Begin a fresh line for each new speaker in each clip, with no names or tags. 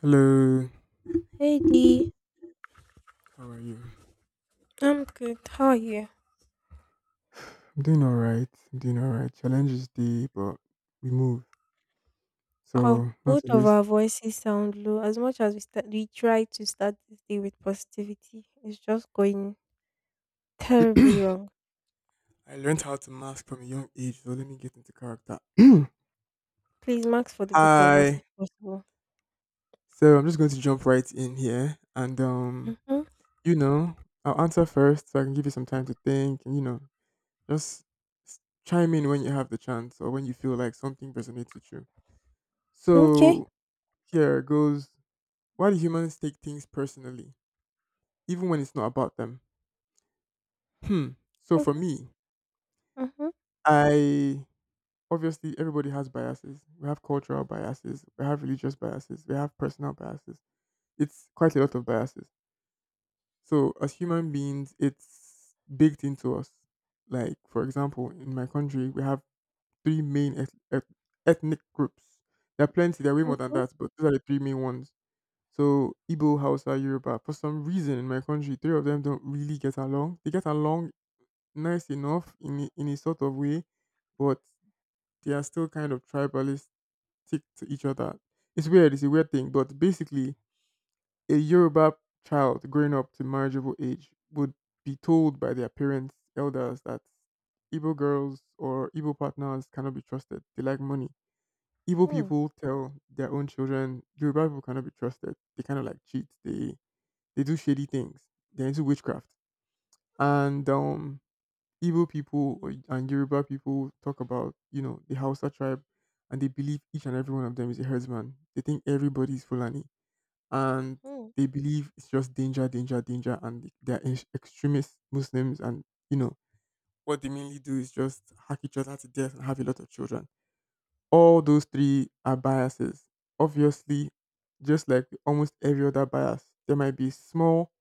Hello,
Hey Dee,
how are you?
I'm good. How are you?
I'm doing all right. I'm doing all right. Challenges day, but we move.
Our
So, not
both
to
of
waste.
our voices sound low. As much as we start, we try to start this day with positivity. It's just going terribly wrong.
I learned how to mask from a young age, so let me get into character.
Please, max for the both of us
Hi.
if possible.
So, I'm just going to jump right in here and
Mm-hmm.
you know, I'll answer first so I can give you some time to think and just chime in when you have the chance or when you feel like something resonates with you.
Okay.
So, here goes. Why do humans take things personally, even when it's not about them? Hmm. So for me,
Mm-hmm.
I obviously everybody has biases. We have cultural biases, we have religious biases, we have personal biases. It's quite a lot of biases. So as human beings, it's baked into us. Like for example, in my country, we have three main ethnic groups. There are plenty. There are way more than
Mm-hmm.
that, but those are the three main ones. So Igbo, Hausa, Yoruba. For some reason in my country, three of them don't really get along. They get along nice enough in a sort of way, but they are still kind of tribalistic to each other. It's weird. It's a weird thing, but basically, a Yoruba child growing up to marriageable age would be told by their parents, elders, that Igbo girls or Igbo partners cannot be trusted. They like money. Igbo people tell their own children Yoruba people cannot be trusted. They kind of like cheat. They do shady things. They're into witchcraft. And Igbo people or, and Yoruba people talk about, the Hausa tribe, and they believe each and every one of them is a herdsman. They think everybody is Fulani, and
Mm-hmm.
they believe it's just danger, danger, danger, and they're extremist Muslims, and you know what they mainly do is just hack each other to death and have a lot of children. All those three are biases. Obviously, just like almost every other bias, there might be small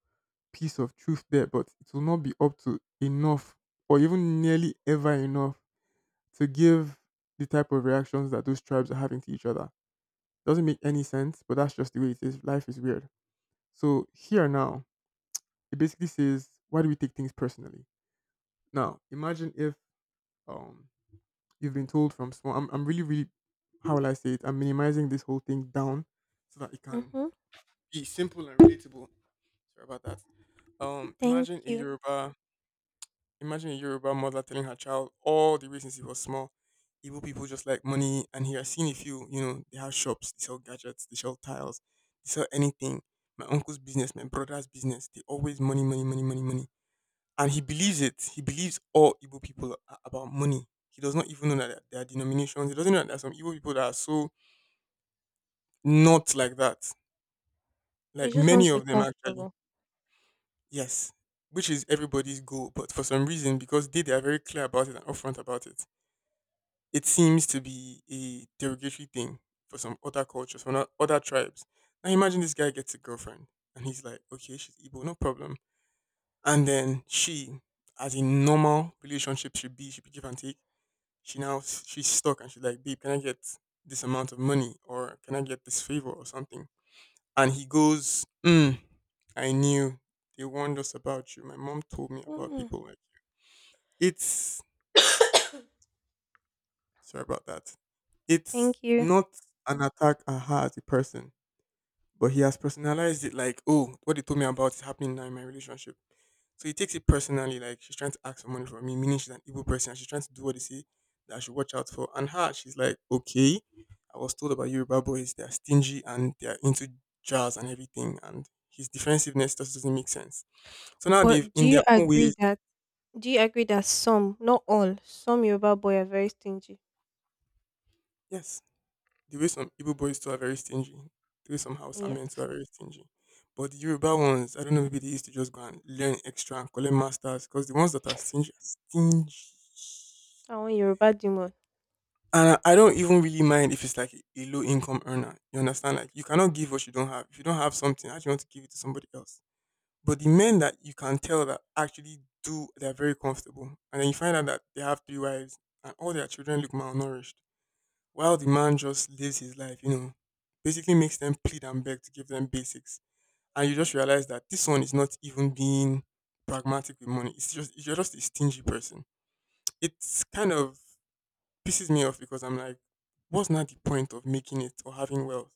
piece of truth there, but it will not be up to enough or even nearly ever enough to give the type of reactions that those tribes are having to each other. Doesn't make any sense, but that's just the way it is. Life is weird. So here now, it basically says, why do we take things personally? Now, imagine if um you've been told from small I'm really, really how will I say it? I'm minimizing this whole thing down so that it can
Mm-hmm.
be simple and relatable. Sorry about that. Um
Thank
imagine a
you.
Yoruba Imagine a Yoruba mother telling her child all the reasons he was small. Igbo people just like money, and here I've seen a few. You know, they have shops, they sell gadgets, they sell tiles, they sell anything. My uncle's business, my brother's business, they always money, money, money, money, money. And he believes it. He believes all Igbo people are about money. He does not even know that there are denominations. He doesn't know that there are some Igbo people that are so not like that.
You
Like
just want
many
to be
of them, actually.
comfortable.
Yes. Which is everybody's goal. But for some reason, because they are very clear about it and upfront about it, it seems to be a derogatory thing for some other cultures, for not other tribes. Now imagine this guy gets a girlfriend and he's like, okay, she's Igbo, no problem. And then she, as a normal relationship should be give and take. She now she's stuck and she's like, babe, can I get this amount of money or can I get this favor or something? And he goes, mm, I knew they warned us about you. My mom told me about
Mm.
people like it's Sorry about that. It's
Thank you.
not an attack at her as a person, but he has personalized it like, oh, what they told me about is happening now in my relationship. So he takes it personally, like she's trying to ask for money from me, meaning she's an evil person. And she's trying to do what they say that I should watch out for. And her, she's like, okay, I was told about Yoruba boys, they're stingy and they're into jazz and everything. And his defensiveness just doesn't make sense. So now they've,
But do
in their
you
own
agree
ways,
that? Do you agree that some, not all, some Yoruba boy are very stingy?
yes, the way some Igbo boys too are very stingy. The way some Hausa
Yeah,
men too are very stingy. But the Yoruba ones, I don't know, maybe they used to just go and learn extra and collect masters because the ones that are stingy are stingy.
I want Yoruba demon.
And I don't even really mind if it's like a low income earner. You understand? Like you cannot give what you don't have. If you don't have something, how do you want to give it to somebody else? But the men that you can tell that actually do, they're very comfortable. And then you find out that they have three wives and all their children look malnourished while the man just lives his life, you know, basically makes them plead and beg to give them basics. And you just realize that this one is not even being pragmatic with money. It's just you're just a stingy person. It's kind of pisses me off because I'm like, what's not the point of making it or having wealth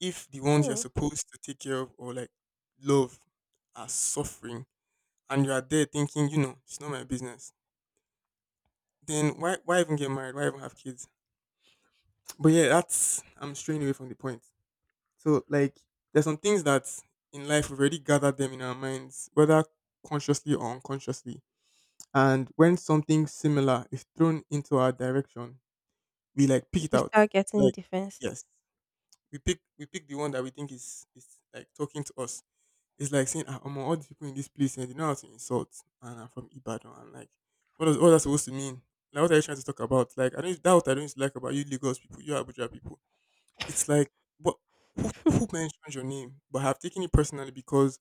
if the ones you're
Mm.
supposed to take care of or like love are suffering and you are there thinking, you know, it's not my business. Then why even get married? Why even have kids? But yeah, that's I'm straying away from the point. So like there's some things that in life we've already gathered them in our minds, whether consciously or unconsciously. And when something similar is thrown into our direction, we like pick it
We
out.
start getting
Like
defense.
yes, we pick the one that we think is like talking to us. It's like saying, ah, among all the people in this place, and they know how to insult, and I'm from Ibadan. I'm like, what does all that supposed to mean? Like, what are you trying to talk about? Like, I don't that what I don't like about you, Lagos people, you Abuja people it's like, but who mentioned your name? But I've taken it personally because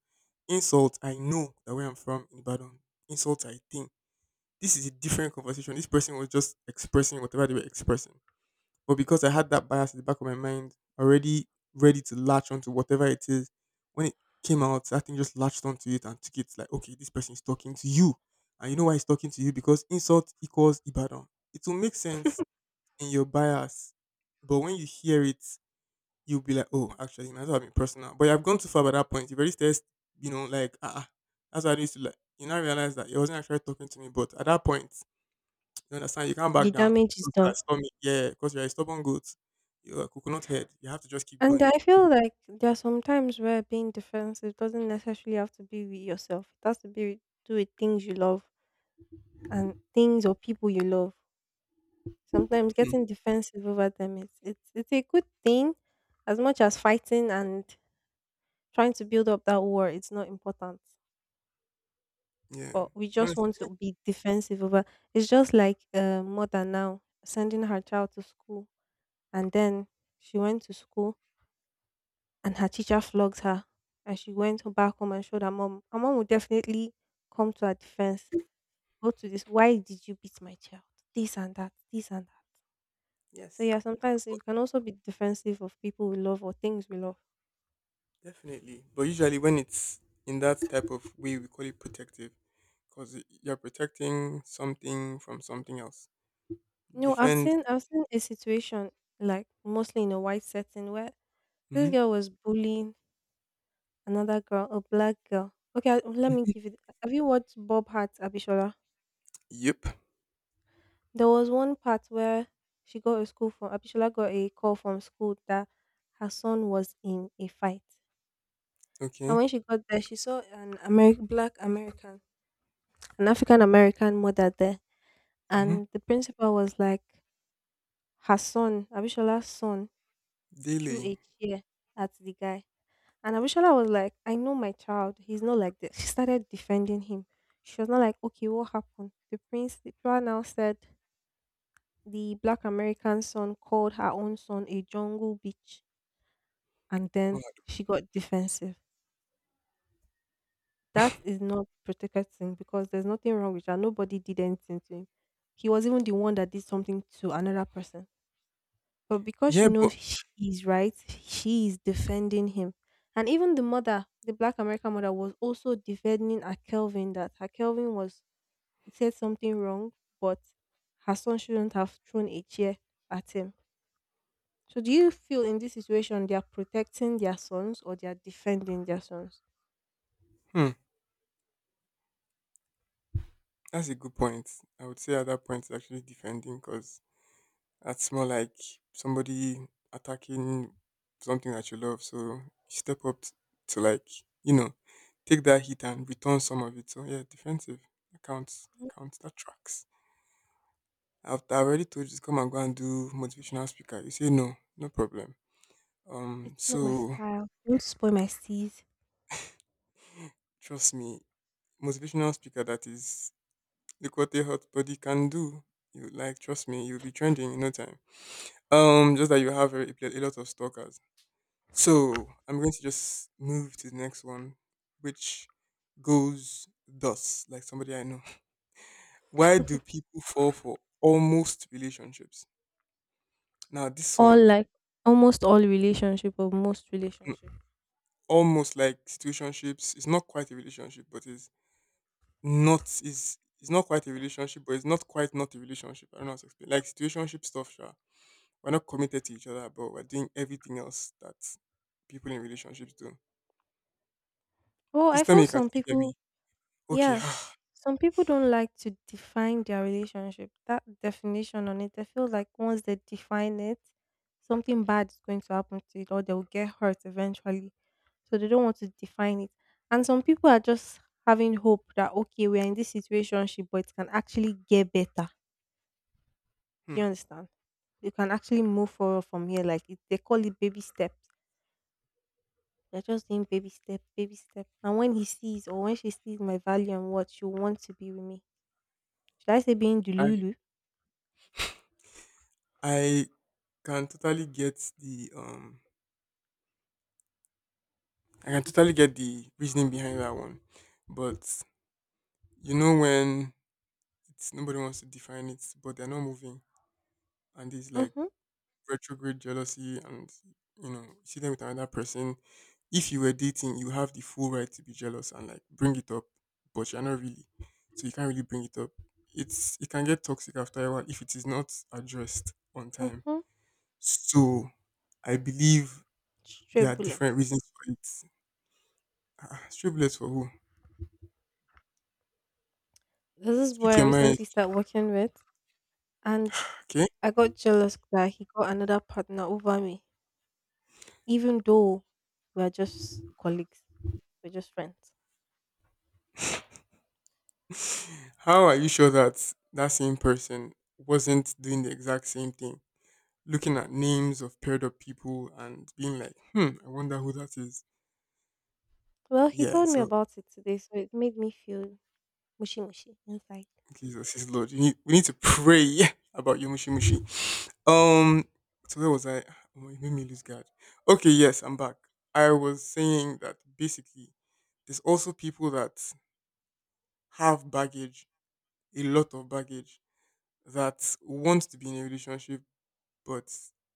insult. I know that where I'm from in Ibadan, insult. I think this is a different conversation. This person was just expressing whatever they were expressing. But because I had that bias in the back of my mind, already ready to latch onto whatever it is, when it came out, that thing just latched onto it and took it like, okay, this person is talking to you. And you know why he's talking to you? Because insult equals Ibadan. It will make sense in your bias. But when you hear it you'll be like, oh, actually, now that I've been personal. But you have gone too far by that point. You've already started, you know, like, that's what I used to like. You now realize that you wasn't actually talking to me. But at that point, you understand, you can't
The
back down
damage is
because you're
done.
stubborn. Yeah, because you're a stubborn goat. You're a coconut head. You have to just keep
And I
going.
feel like there are some times where being defensive doesn't necessarily have to be with yourself. It has to do with things you love and things or people you love. Sometimes
Hmm.
getting defensive over them is it's a good thing as much as fighting and trying to build up that war, it's not important.
Yeah.
But we just
Honestly,
want
yeah,
to be defensive over it's just like a mother now sending her child to school, and then she went to school and her teacher flogged her, and she went back home and showed her mom. Her mom would definitely come to her defense. Go to this. Why did you beat my child? This and that, this and that. So
yes,
yeah, sometimes we can also be defensive of people we love or things we love.
definitely. But usually when it's in that type of way, we call it protective because you're protecting something from something else.
No, I've
Defend.
seen I've seen a situation like mostly in a white setting where this
Hmm.
girl was bullying another girl, a black girl. Okay, I- let me give it. Have you watched Bob Hart Abishola?
Yep.
There was one part where she got a school from Abishola got a call from school that her son was in a fight, and
Okay.
when she got there, she saw an American, black American, an African American mother there,
Hmm.
and the principal was like her son, Abishala's son, threw
Daily.
a chair at the guy. And Abishala was like, I know my child. He's not like this. She started defending him. She was not like, okay, what happened? The Pura now said the black American son called her own son a jungle bitch. And then she got defensive. That is not protecting because there's nothing wrong with her. Nobody did anything to him. He was even the one that did something to another person. But because she
Yeah, but
knows she's right, she is defending him. And even the mother, the black American mother, was also defending her Kelvin, that her Kelvin was said something wrong, but her son shouldn't have thrown a chair at him. So do you feel in this situation they are protecting their sons or they are defending their sons?
hmm, that's a good point. I would say at that point it's actually defending because that's more like somebody attacking something that you love. So you step up to like you know take that hit and return some of it. So yeah, defensive that counts. Counts. That tracks. I already told you to come and go and do motivational speaker. You say no, no problem. Um,
It's not my
so
style. Don't spoil my seas.
trust me, motivational speaker that is look what a hot body can do. You like trust me, you'll be trending in no time. Just that you have a lot of stalkers. So I'm going to just move to the next one, which goes thus, like somebody I know. Why do people fall for almost relationships? Now this
All
one,
like almost all relationship or most
mm,
relationship.
almost like situationships, it's not quite a relationship, but it's not is it's not quite a relationship, but it's not quite not a relationship. I don't know how to explain. Like situationship stuff, sure. We're not committed to each other, but we're doing everything else that people in relationships do.
Well,
Please
I
tell me
feel
you can
some
still hear me.
people.
Okay.
Yeah. Some people don't like to define their relationship. That definition on it, they feel like once they define it, something bad is going to happen to it or they'll get hurt eventually. So they don't want to define it. And some people are just having hope that okay, we're in this situation, but it can actually get better. Do
Hmm.
you understand? You can actually move forward from here. Like it, they call it baby steps. They're just doing baby step, baby step. And when he sees or when she sees my value and what she wants to be with me, should I say being
I
delulu?
I can totally get the I can totally get the reasoning behind that one. But when it's nobody wants to define it, but they're not moving, and it's like
Mhm.
retrograde jealousy and, you know, you see them with another person. If you were dating, you have the full right to be jealous and like bring it up, but you're not really. So you can't really bring it up. It can get toxic after a while if it is not addressed on time.
Mhm.
So I believe there
Straight
are
bullet.
different reasons for it. Ah, stray bullets for who?
There's this boy
Speak
I
your mind.
recently started working with, and
Okay.
I got jealous that he got another partner over me, even though we are just colleagues, we're just friends.
How are you sure that that same person wasn't doing the exact same thing? Looking at names of paired up people and being like, hmm, I wonder who that is.
Well, he
Yeah,
told me
so
about it today, so it made me feel mushy mushy inside.
Jesus is Lord. You need, we need to pray about your mushy mushy. Um, so where was I? Ah, oh, it made me lose guard. Okay, yes, I'm back. I was saying that basically, there's also people that have baggage, a lot of baggage, that want to be in a relationship, but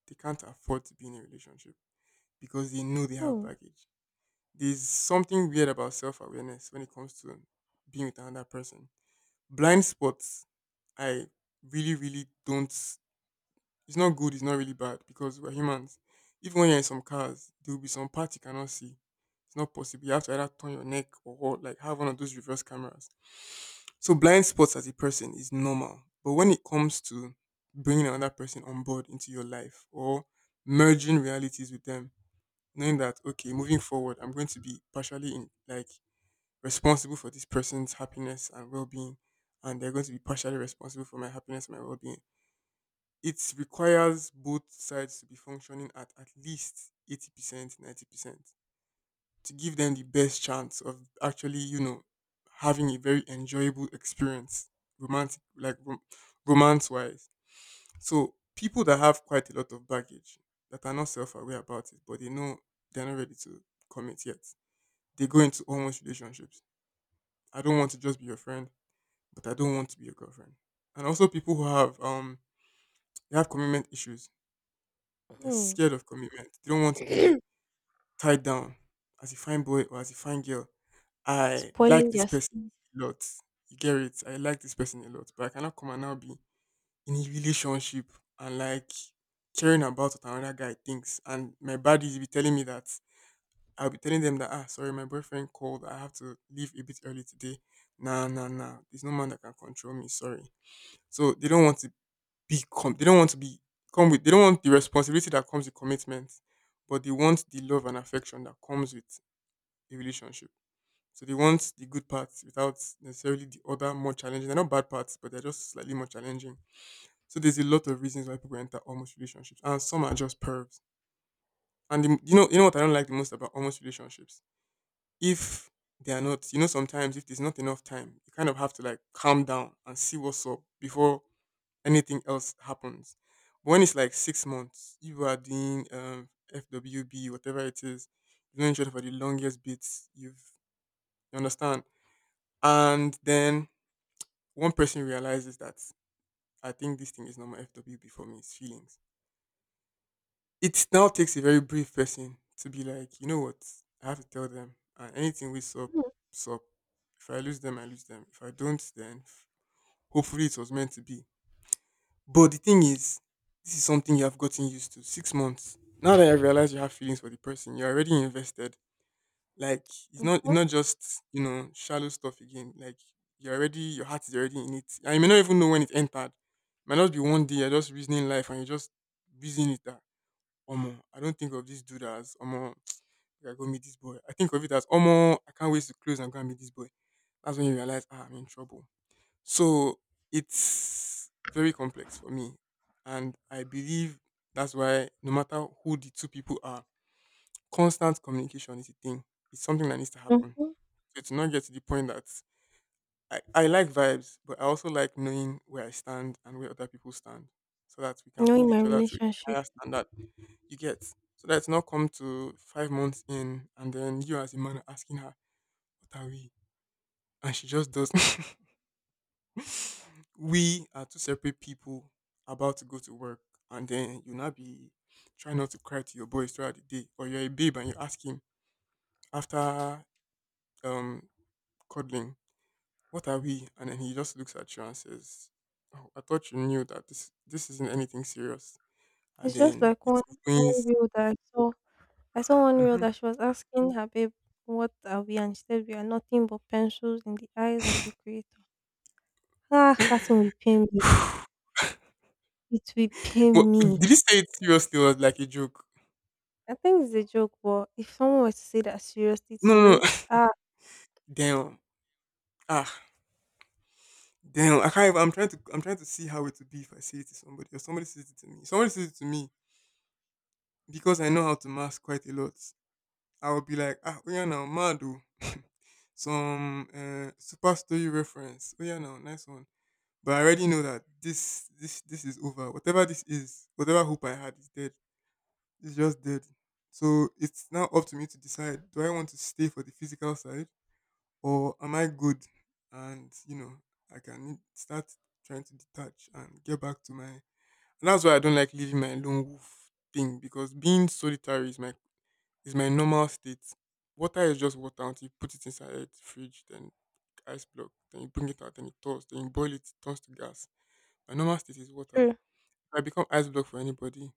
they can't afford to be in a relationship because they know they have
Mm.
baggage. There's something weird about self awareness when it comes to being with another person. Blind spots, I really, really don't it's not good, it's not really bad because we're humans. Even when you're in some cars, there will be some parts you cannot see. It's not possible. You have to either turn your neck or like have one of those reverse cameras. So blind spots as a person is normal. But when it comes to bringing another person on board into your life or merging realities with them, knowing that, okay, moving forward, I'm going to be partially in, like responsible for this person's happiness and well being, and they're going to be partially responsible for my happiness and my well being, it requires both sides to be functioning at least 80%, 90% to give them the best chance of actually, you know, having a very enjoyable experience, romantic, like romance wise. So people that have quite a lot of baggage, that are not self aware about it, but they know they're not ready to commit yet, they go into almost relationships. I don't want to just be your friend, but I don't want to be your girlfriend. And also, people who have, they have commitment issues. They're
Mm.
scared of commitment. They don't want to be tied down. As a fine boy or as a fine girl, I like
Spoiling
this person
justice.
a lot. You get it? I like this person a lot, but I cannot come and now be in a relationship and like caring about what another guy thinks. And my buddies be telling me that I'll be telling them that, ah, sorry, my boyfriend called, I have to leave a bit early today. Nah, nah, nah. There's no man that can control me. Sorry. So they don't want to they don't want to be come with they don't want the responsibility that comes with commitment, but they want the love and affection that comes with a relationship. So they want the good parts without necessarily the other more challenging. They're not bad parts, but they're just slightly more challenging. So there's a lot of reasons why people enter almost relationships, and some are just pervs. And the, you know what I don't like the most about almost relationships? If they are not, you know, sometimes if there's not enough time, you kind of have to like calm down and see what's up before anything else happens. But when it's like 6 months, you are doing FWB, whatever it is, you've known each other for the longest bits, you understand? And then one person realizes that I think this thing is not my FWB, for me it's feelings. It now takes a very brief person to be like, you know what, I have to tell them, and anything we sup,
Mm.
sup. If I lose them, I lose them. If I don't, then hopefully it was meant to be. But the thing is, this is something you have gotten used to. 6 months. Now that you realize you have feelings for the person, you're already invested. Like, it's not it's
Mm-hmm.
not just, you know, shallow stuff again. Like, you're already, your heart is already in it. And you may not even know when it entered. Might not be one day you're just reasoning life and you're just reasoning it that, omo, I don't think of this dude as, omo, I go meet this boy. I think of it as, omo, I can't wait to close and go and meet this boy. That's when you realize, ah, I'm in trouble. So it's very complex for me. And I believe that's why no matter who the two people are, constant communication is a thing. It's something that needs to happen.
Mm-hmm.
So to not get to the point that I like vibes, but I also like knowing where I stand and where other people stand. So that we can
Knowing
hold
my
each other to a
relationship.
higher standard, you get. So that it's not come to 5 months in and then you as a man are asking her, "What are we?" And she just does we are two separate people about to go to work, and then you now be trying not to cry to your boys throughout the day. Or you're a babe and you ask him after um cuddling, "What are we?" And then he just looks at you and says, "Oh, I thought you knew that this isn't anything serious," and
It's just
then
like
it
one, one
ruins.
reel that I saw. I saw one reel
Hmm.
that she was asking her babe, what are we? And she said, we are nothing but pencils in the eyes of the creator. Ah, that thing will pain me. It will
But
pain me.
did he say it seriously or like a joke?
I think it's a joke, but if someone were to say that seriously
No,
to
no, no.
me, ah,
Damn. Ah, damn, I can't even, I'm trying to see how it would be if I say it to somebody or somebody says it to me. If somebody says it to me, because I know how to mask quite a lot, I will be like, ah, oh yeah now, Madu. Some super story reference. Oh yeah now, nice one. But I already know that this is over. Whatever this is, whatever hope I had is dead. It's just dead. So it's now up to me to decide, do I want to stay for the physical side or am I good? And you know, I can start trying to detach and get back to my. And that's why I don't like leaving my lone wolf thing, because being solitary is my normal state. Water is just water until you put it inside the fridge, then ice block, then you bring it out, then it thaws, then you boil it, it turns to gas. My normal state is water.
true.
If I become ice block for anybody,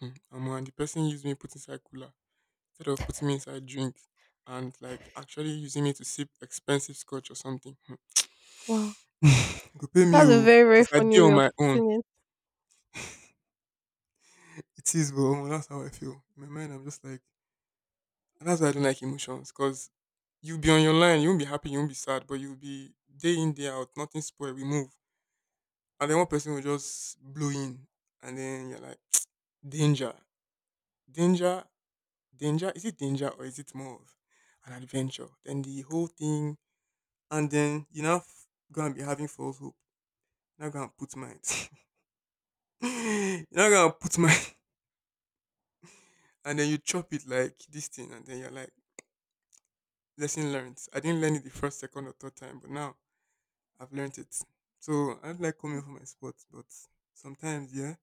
hmm, I'm one. The person used me, put inside cooler instead of putting me inside drink and like actually using me to sip expensive scotch or something. Hmm.
Wow.
Go pay me
That's a
oh,
very, very
because I
funny
did
way
on
of
my own.
putting it.
It is, but omo, that's how I feel. In my mind, I'm just like, and that's why I don't like emotions, because you'll be on your line, you won't be happy, you won't be sad, but you'll be day in, day out, nothing spoiled, we move. And then one person will just blow in, and then you're like, danger, danger, danger. Is it danger or is it more of an adventure? Then the whole thing, and then you now gonna be having false hope. You're not gonna put mine. You're not gonna put mine. And then you chop it like this thing, and then you're like, lesson learned. I didn't learn it the first, second, or third time, but now I've learned it. So I don't like coming for my sports, but sometimes, yeah,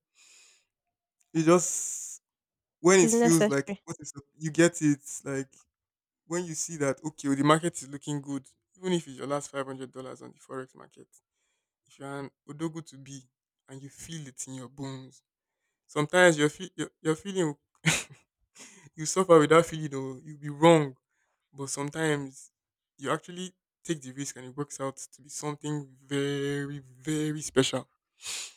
you just when it
It's
feels like
necessary.
what is, you get it, like when you see that okay, well, the market is looking good, even if it's your last $500 on the forex market, if you're an odogo to be and you feel it in your bones, sometimes your feeling will you suffer with that feeling though. You'll be wrong. But sometimes you actually take the risk and it works out to be something very, very special.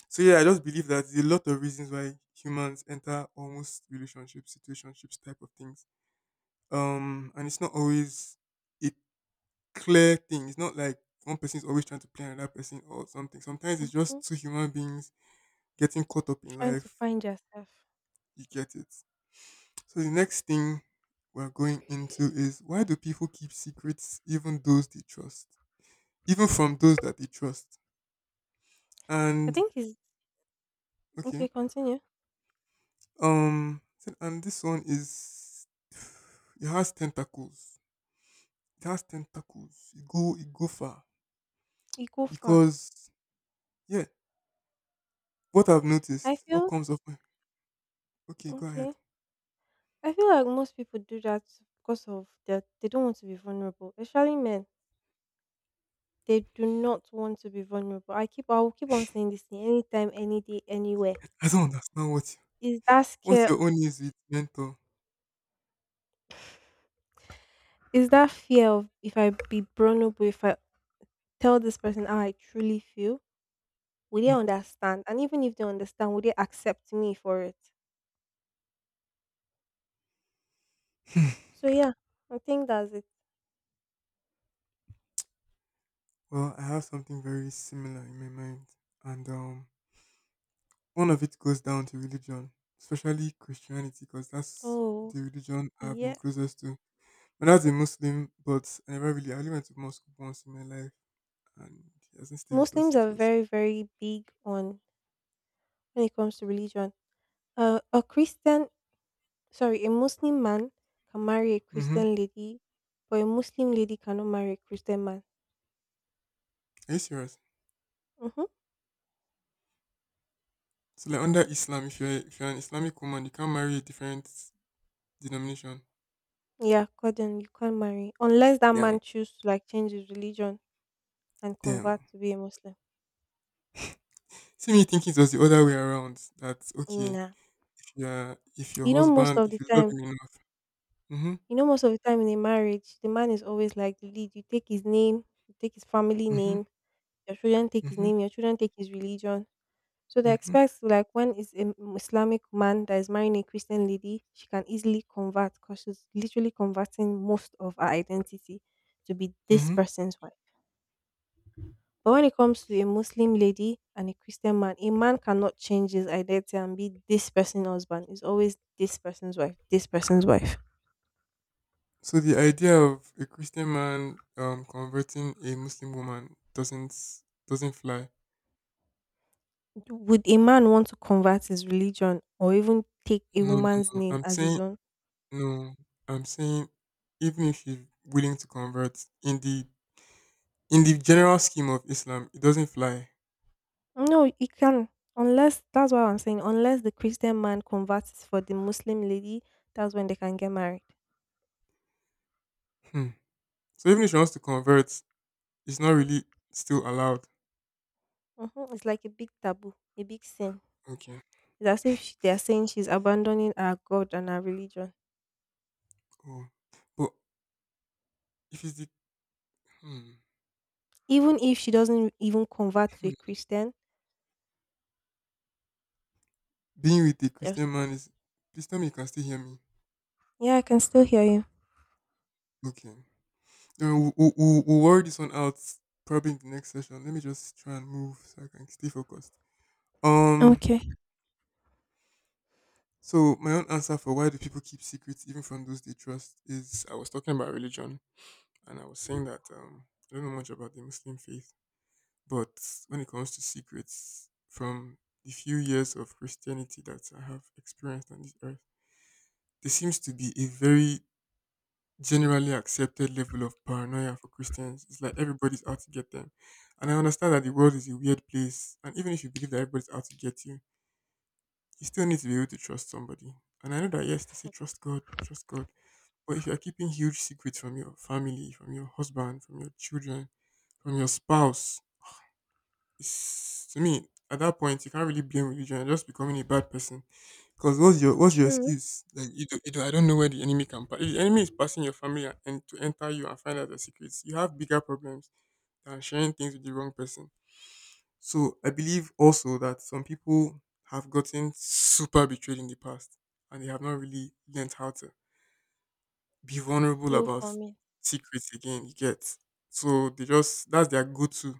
So yeah, I just believe that there's a lot of reasons why humans enter almost relationships, situationships type of things. And it's not always a clear thing. It's not like one person is always trying to play another person or something. Sometimes it's
Mhm.
just two human beings getting caught up in
Trying to
life.
find yourself.
You get it. So the next thing we're going into is, why do people keep secrets even those they trust? Even from those that they trust.
I
And
think it's
okay.
okay. Continue.
Um, and this one is it has tentacles. It has tentacles. It go far.
You go far.
Because yeah, what I've
I
noticed, what
feel
comes up my okay, go
okay.
ahead.
I feel like most people do that because of that they don't want to be vulnerable, especially men. They do not want to be vulnerable. I will keep on saying this thing anytime, any day, anywhere.
I don't understand what you,
Is that
what
scare?
your own is with mentor.
Is that fear of if I be vulnerable? If I tell this person how I truly feel, will they
Hmm.
understand? And even if they understand, will they accept me for it? So yeah, I think that's it.
Well, I have something very similar in my mind. And one of it goes down to religion, especially Christianity, because that's
Oh,
the religion I've been
yes.
closest to. When I was a Muslim, but I never really, I only went to mosque once in my life, and it hasn't stayed with us
Muslims
since
are
it was.
very, very big on when it comes to religion. Uh, a Christian, a Muslim man can marry a
Mm-hmm.
Christian lady, but a Muslim lady cannot marry a Christian man.
Are you serious?
Mm-hmm.
So, like, under Islam, if you're an Islamic woman, you can't marry a different denomination.
Yeah, according you can't marry unless that
Damn.
man choose to like change his religion and convert
Damn.
to be a Muslim.
See me thinking it was the other way around. That okay,
Nah,
if you're if your
you know most
husband,
of
if
the
you love
time
him enough. Mm-hmm.
you know, most of the time in a marriage, the man is always like the lead. You take his name, you take his family
Mm-hmm.
name, your children take his
Mm-hmm.
name, your children take his religion. So they
Mm-hmm.
expect like when is an Islamic man that is marrying a Christian lady, she can easily convert because she's literally converting most of her identity to be this
Mm-hmm.
person's wife. But when it comes to a Muslim lady and a Christian man, a man cannot change his identity and be this person's husband. It's always this person's wife, this person's wife.
So the idea of a Christian man converting a Muslim woman doesn't fly.
Would a man want to convert his religion or even take a
No, no,
woman's
no.
name
I'm
as his
saying
own?
no. I'm saying even if she's willing to convert in the general scheme of Islam, it doesn't fly.
No, he can. Unless, that's why I'm saying, unless the Christian man converts for the Muslim lady, that's when they can get married.
Hmm. So even if she wants to convert, it's not really still allowed.
Hmm. It's like a big taboo, a big sin.
Okay,
It's as if she- they are saying she's abandoning her God and her religion.
cool. But if it's the hmm,
Even if she doesn't even convert to a
hmm.
Christian,
being with the
there's
Christian man is, please tell me you can still hear me.
yeah, I can still hear you.
Okay. No, we'll worry this one out probably in the next session. Let me just try and move so I can stay focused. Um,
Okay.
so my own answer for why do people keep secrets even from those they trust is I was talking about religion and I was saying that I don't know much about the Muslim faith, but when it comes to secrets from the few years of Christianity that I have experienced on this earth, there seems to be a very generally accepted level of paranoia for Christians. It's like everybody's out to get them. And I understand that the world is a weird place. And even if you believe that everybody's out to get you, you still need to be able to trust somebody. And I know that, yes, they say trust God, trust God. But if you are keeping huge secrets from your family, from your husband, from your children, from your spouse, it's, to me, at that point, you can't really blame religion. You're just becoming a bad person. Because what's your
True.
excuse? Like you do, I don't know where the enemy can pass. If the enemy is passing your family and to enter you and find out the secrets, you have bigger problems than sharing things with the wrong person. So I believe also that some people have gotten super betrayed in the past and they have not really learned how to be vulnerable
Heal
about
for me.
secrets again. You get so they just that's their go-to.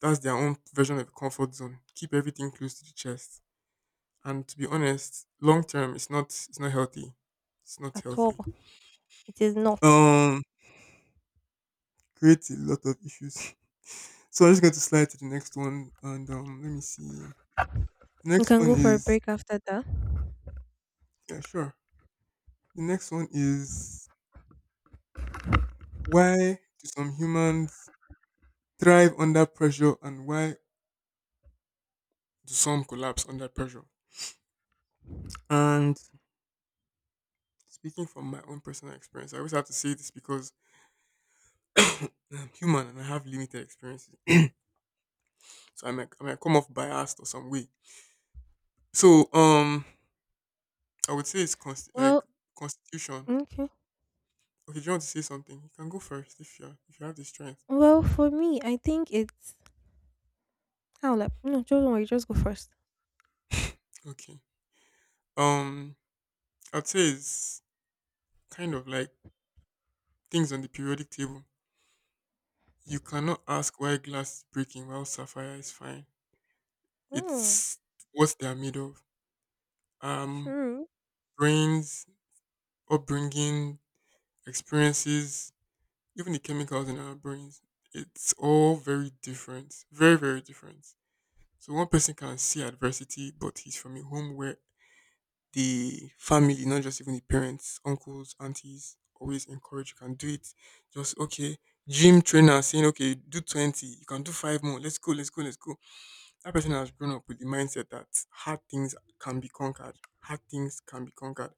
That's their own version of comfort zone. Keep everything close to the chest. And to be honest, long term it's not healthy. It's not
At all.
healthy.
It is not.
Um creates a lot of issues. So I'm just going to slide to the next one and let me see.
You
Next
can
one
go for a
is
break after that.
yeah, sure. The next one is why do some humans thrive under pressure and why do some collapse under pressure? And speaking from my own personal experience, I always have to say this because I'm human and I have limited experiences. So I might come off biased or some way. So I would say it's like
Well,
constitution.
okay.
Okay, do you want to say something? You can go first if you have the strength.
Well, for me, I think it's how like no, just don't worry, just go first.
Okay. Um, I'd say it's kind of like things on the periodic table. You cannot ask why glass is breaking while sapphire is fine.
Mm,
It's what they are made of. Um,
true.
brains, upbringing, experiences, even the chemicals in our brains. It's all very different. Very very different. So one person can see adversity, but he's from a home where the family, not just even the parents, uncles, aunties, always encourage you can do it. Just okay, gym trainer saying, okay, do 20, you can do five more. Let's go, let's go, let's go. That person has grown up with the mindset that hard things can be conquered, hard things can be conquered.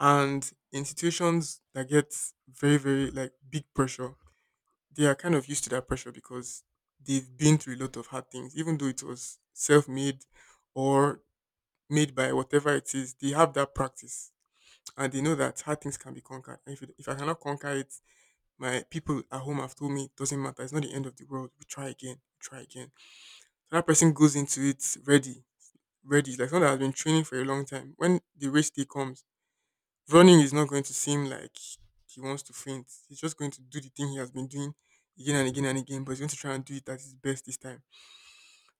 And in situations that get very, very like big pressure, they are kind of used to that pressure because they've been through a lot of hard things, even though it was self made or made by whatever it is, they have that practice and they know that hard things can be conquered. And if, it, if I cannot conquer it, my people at home have told me it doesn't matter. It's not the end of the world. We try again. We try again. So that person goes into it ready, ready. Like someone that has been training for a long time. When the race day comes, running is not going to seem like he wants to faint. He's just going to do the thing he has been doing again and again and again, but he's going to try and do it at his best this time.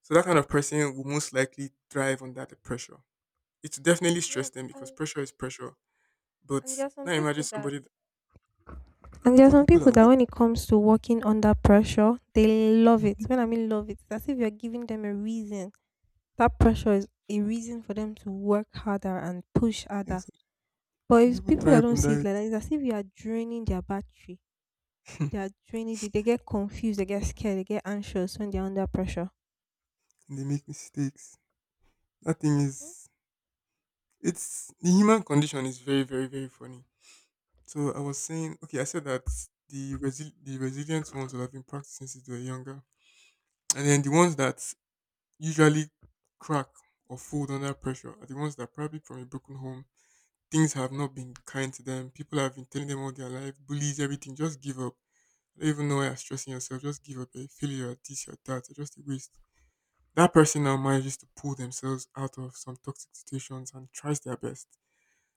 So that kind of person will most likely thrive under the pressure. It will definitely stress
Yes,
them because pressure is pressure. But
and there are some
now imagine
people that
somebody,
and there are
some
some
people
people
that
that
what?
when it comes to working under pressure, they love it. When I mean love it, it's as if you're giving them a reason. That pressure is a reason for them to work harder and push
Yeah,
harder.
so
But it's
people
people that
thrive
don't
on
see it
that.
like that, it's as if you are draining their battery. They are draining it. They get confused. They get scared. They get anxious when they're under pressure.
And they make mistakes. That thing
Mhm.
is, it's the human condition is very, very, very funny. So I was saying, okay, I said that the the resilient ones will have been practicing since they were younger, and then the ones that usually crack or fold under pressure are the ones that probably from a broken home. Things have not been kind to them. People have been telling them all their life, bullies, everything. Just give up. I don't even know why you're stressing yourself. Just give up. You're a failure at this, you're at that. You're just a waste. That person now manages to pull themselves out of some toxic situations and tries their best.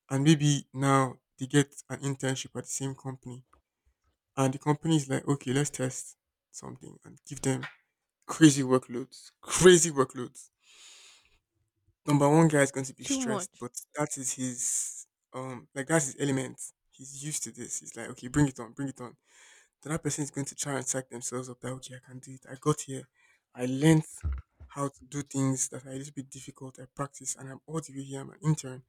And maybe now they get an internship at the same company. And the company is like, okay, let's test something and give them crazy workloads. Crazy workloads. Number one guy is going to be
Too
stressed,
much.
but that is his like that's his element. He's used to this. He's like, okay, bring it on, bring it on. The other person is going to try and psych themselves up that okay, I can do it. I got here. I learned how to do things that are a little bit difficult. I practice and I'm all the way here. I'm an intern.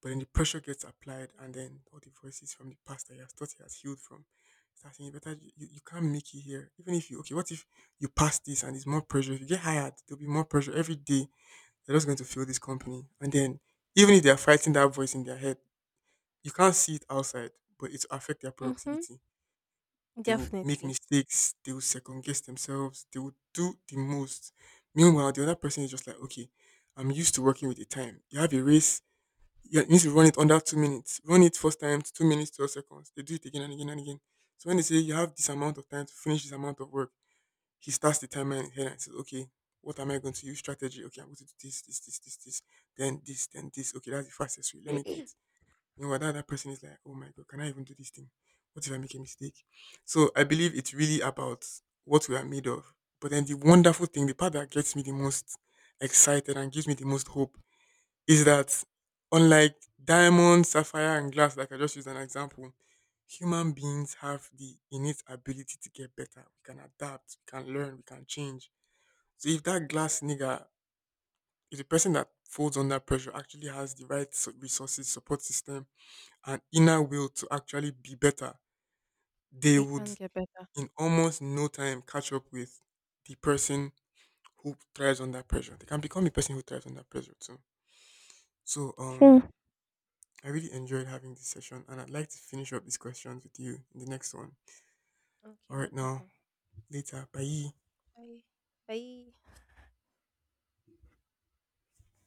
But then the pressure gets applied and then all the voices from the past that you have thought you had healed from start saying, you better you can't make it here. Even if you okay, what if you pass this and there's more pressure? If you get hired, there'll be more pressure every day. They're just going to feel this company. And then even if they are fighting that voice in their head, you can't see it outside, but it affect their
Mm-hmm.
productivity. They will make
Definitely.
mistakes. They will second guess themselves. They will do the most. Meanwhile, the other person is just like, okay, I'm used to working with the time. You have a race. You need to run it under 2 minutes. Run it first time, 2 minutes, 12 seconds. They do it again and again and again. So when they say you have this amount of time to finish this amount of work, he starts the timer in his head and says, okay, what am I going to use? Strategy. Okay, I'm going to do this, this, this, this, this, then this, then this. Okay, that's the fastest way. Let me do it. You know, what that other person is like, oh my God, can I even do this thing? What if I make a mistake? So I believe it's really about what we are made of. But then the wonderful thing, the part that gets me the most excited and gives me the most hope is that unlike diamond, sapphire, and glass, like I just used an example, human beings have the innate ability to get better. We can adapt, we can learn, we can change. So if that glass nigga, if the person that folds under pressure actually has the right resources, support system, an inner will to actually be better, they
They
would
can get better.
in almost no time catch up with the person who thrives under pressure. They can become a person who thrives under pressure too. So
Sure.
I really enjoyed having this session and I'd like to finish up these questions with you in the next one.
Okay, no
Alright now,
problem.
later. Bye.
Bye. Bye.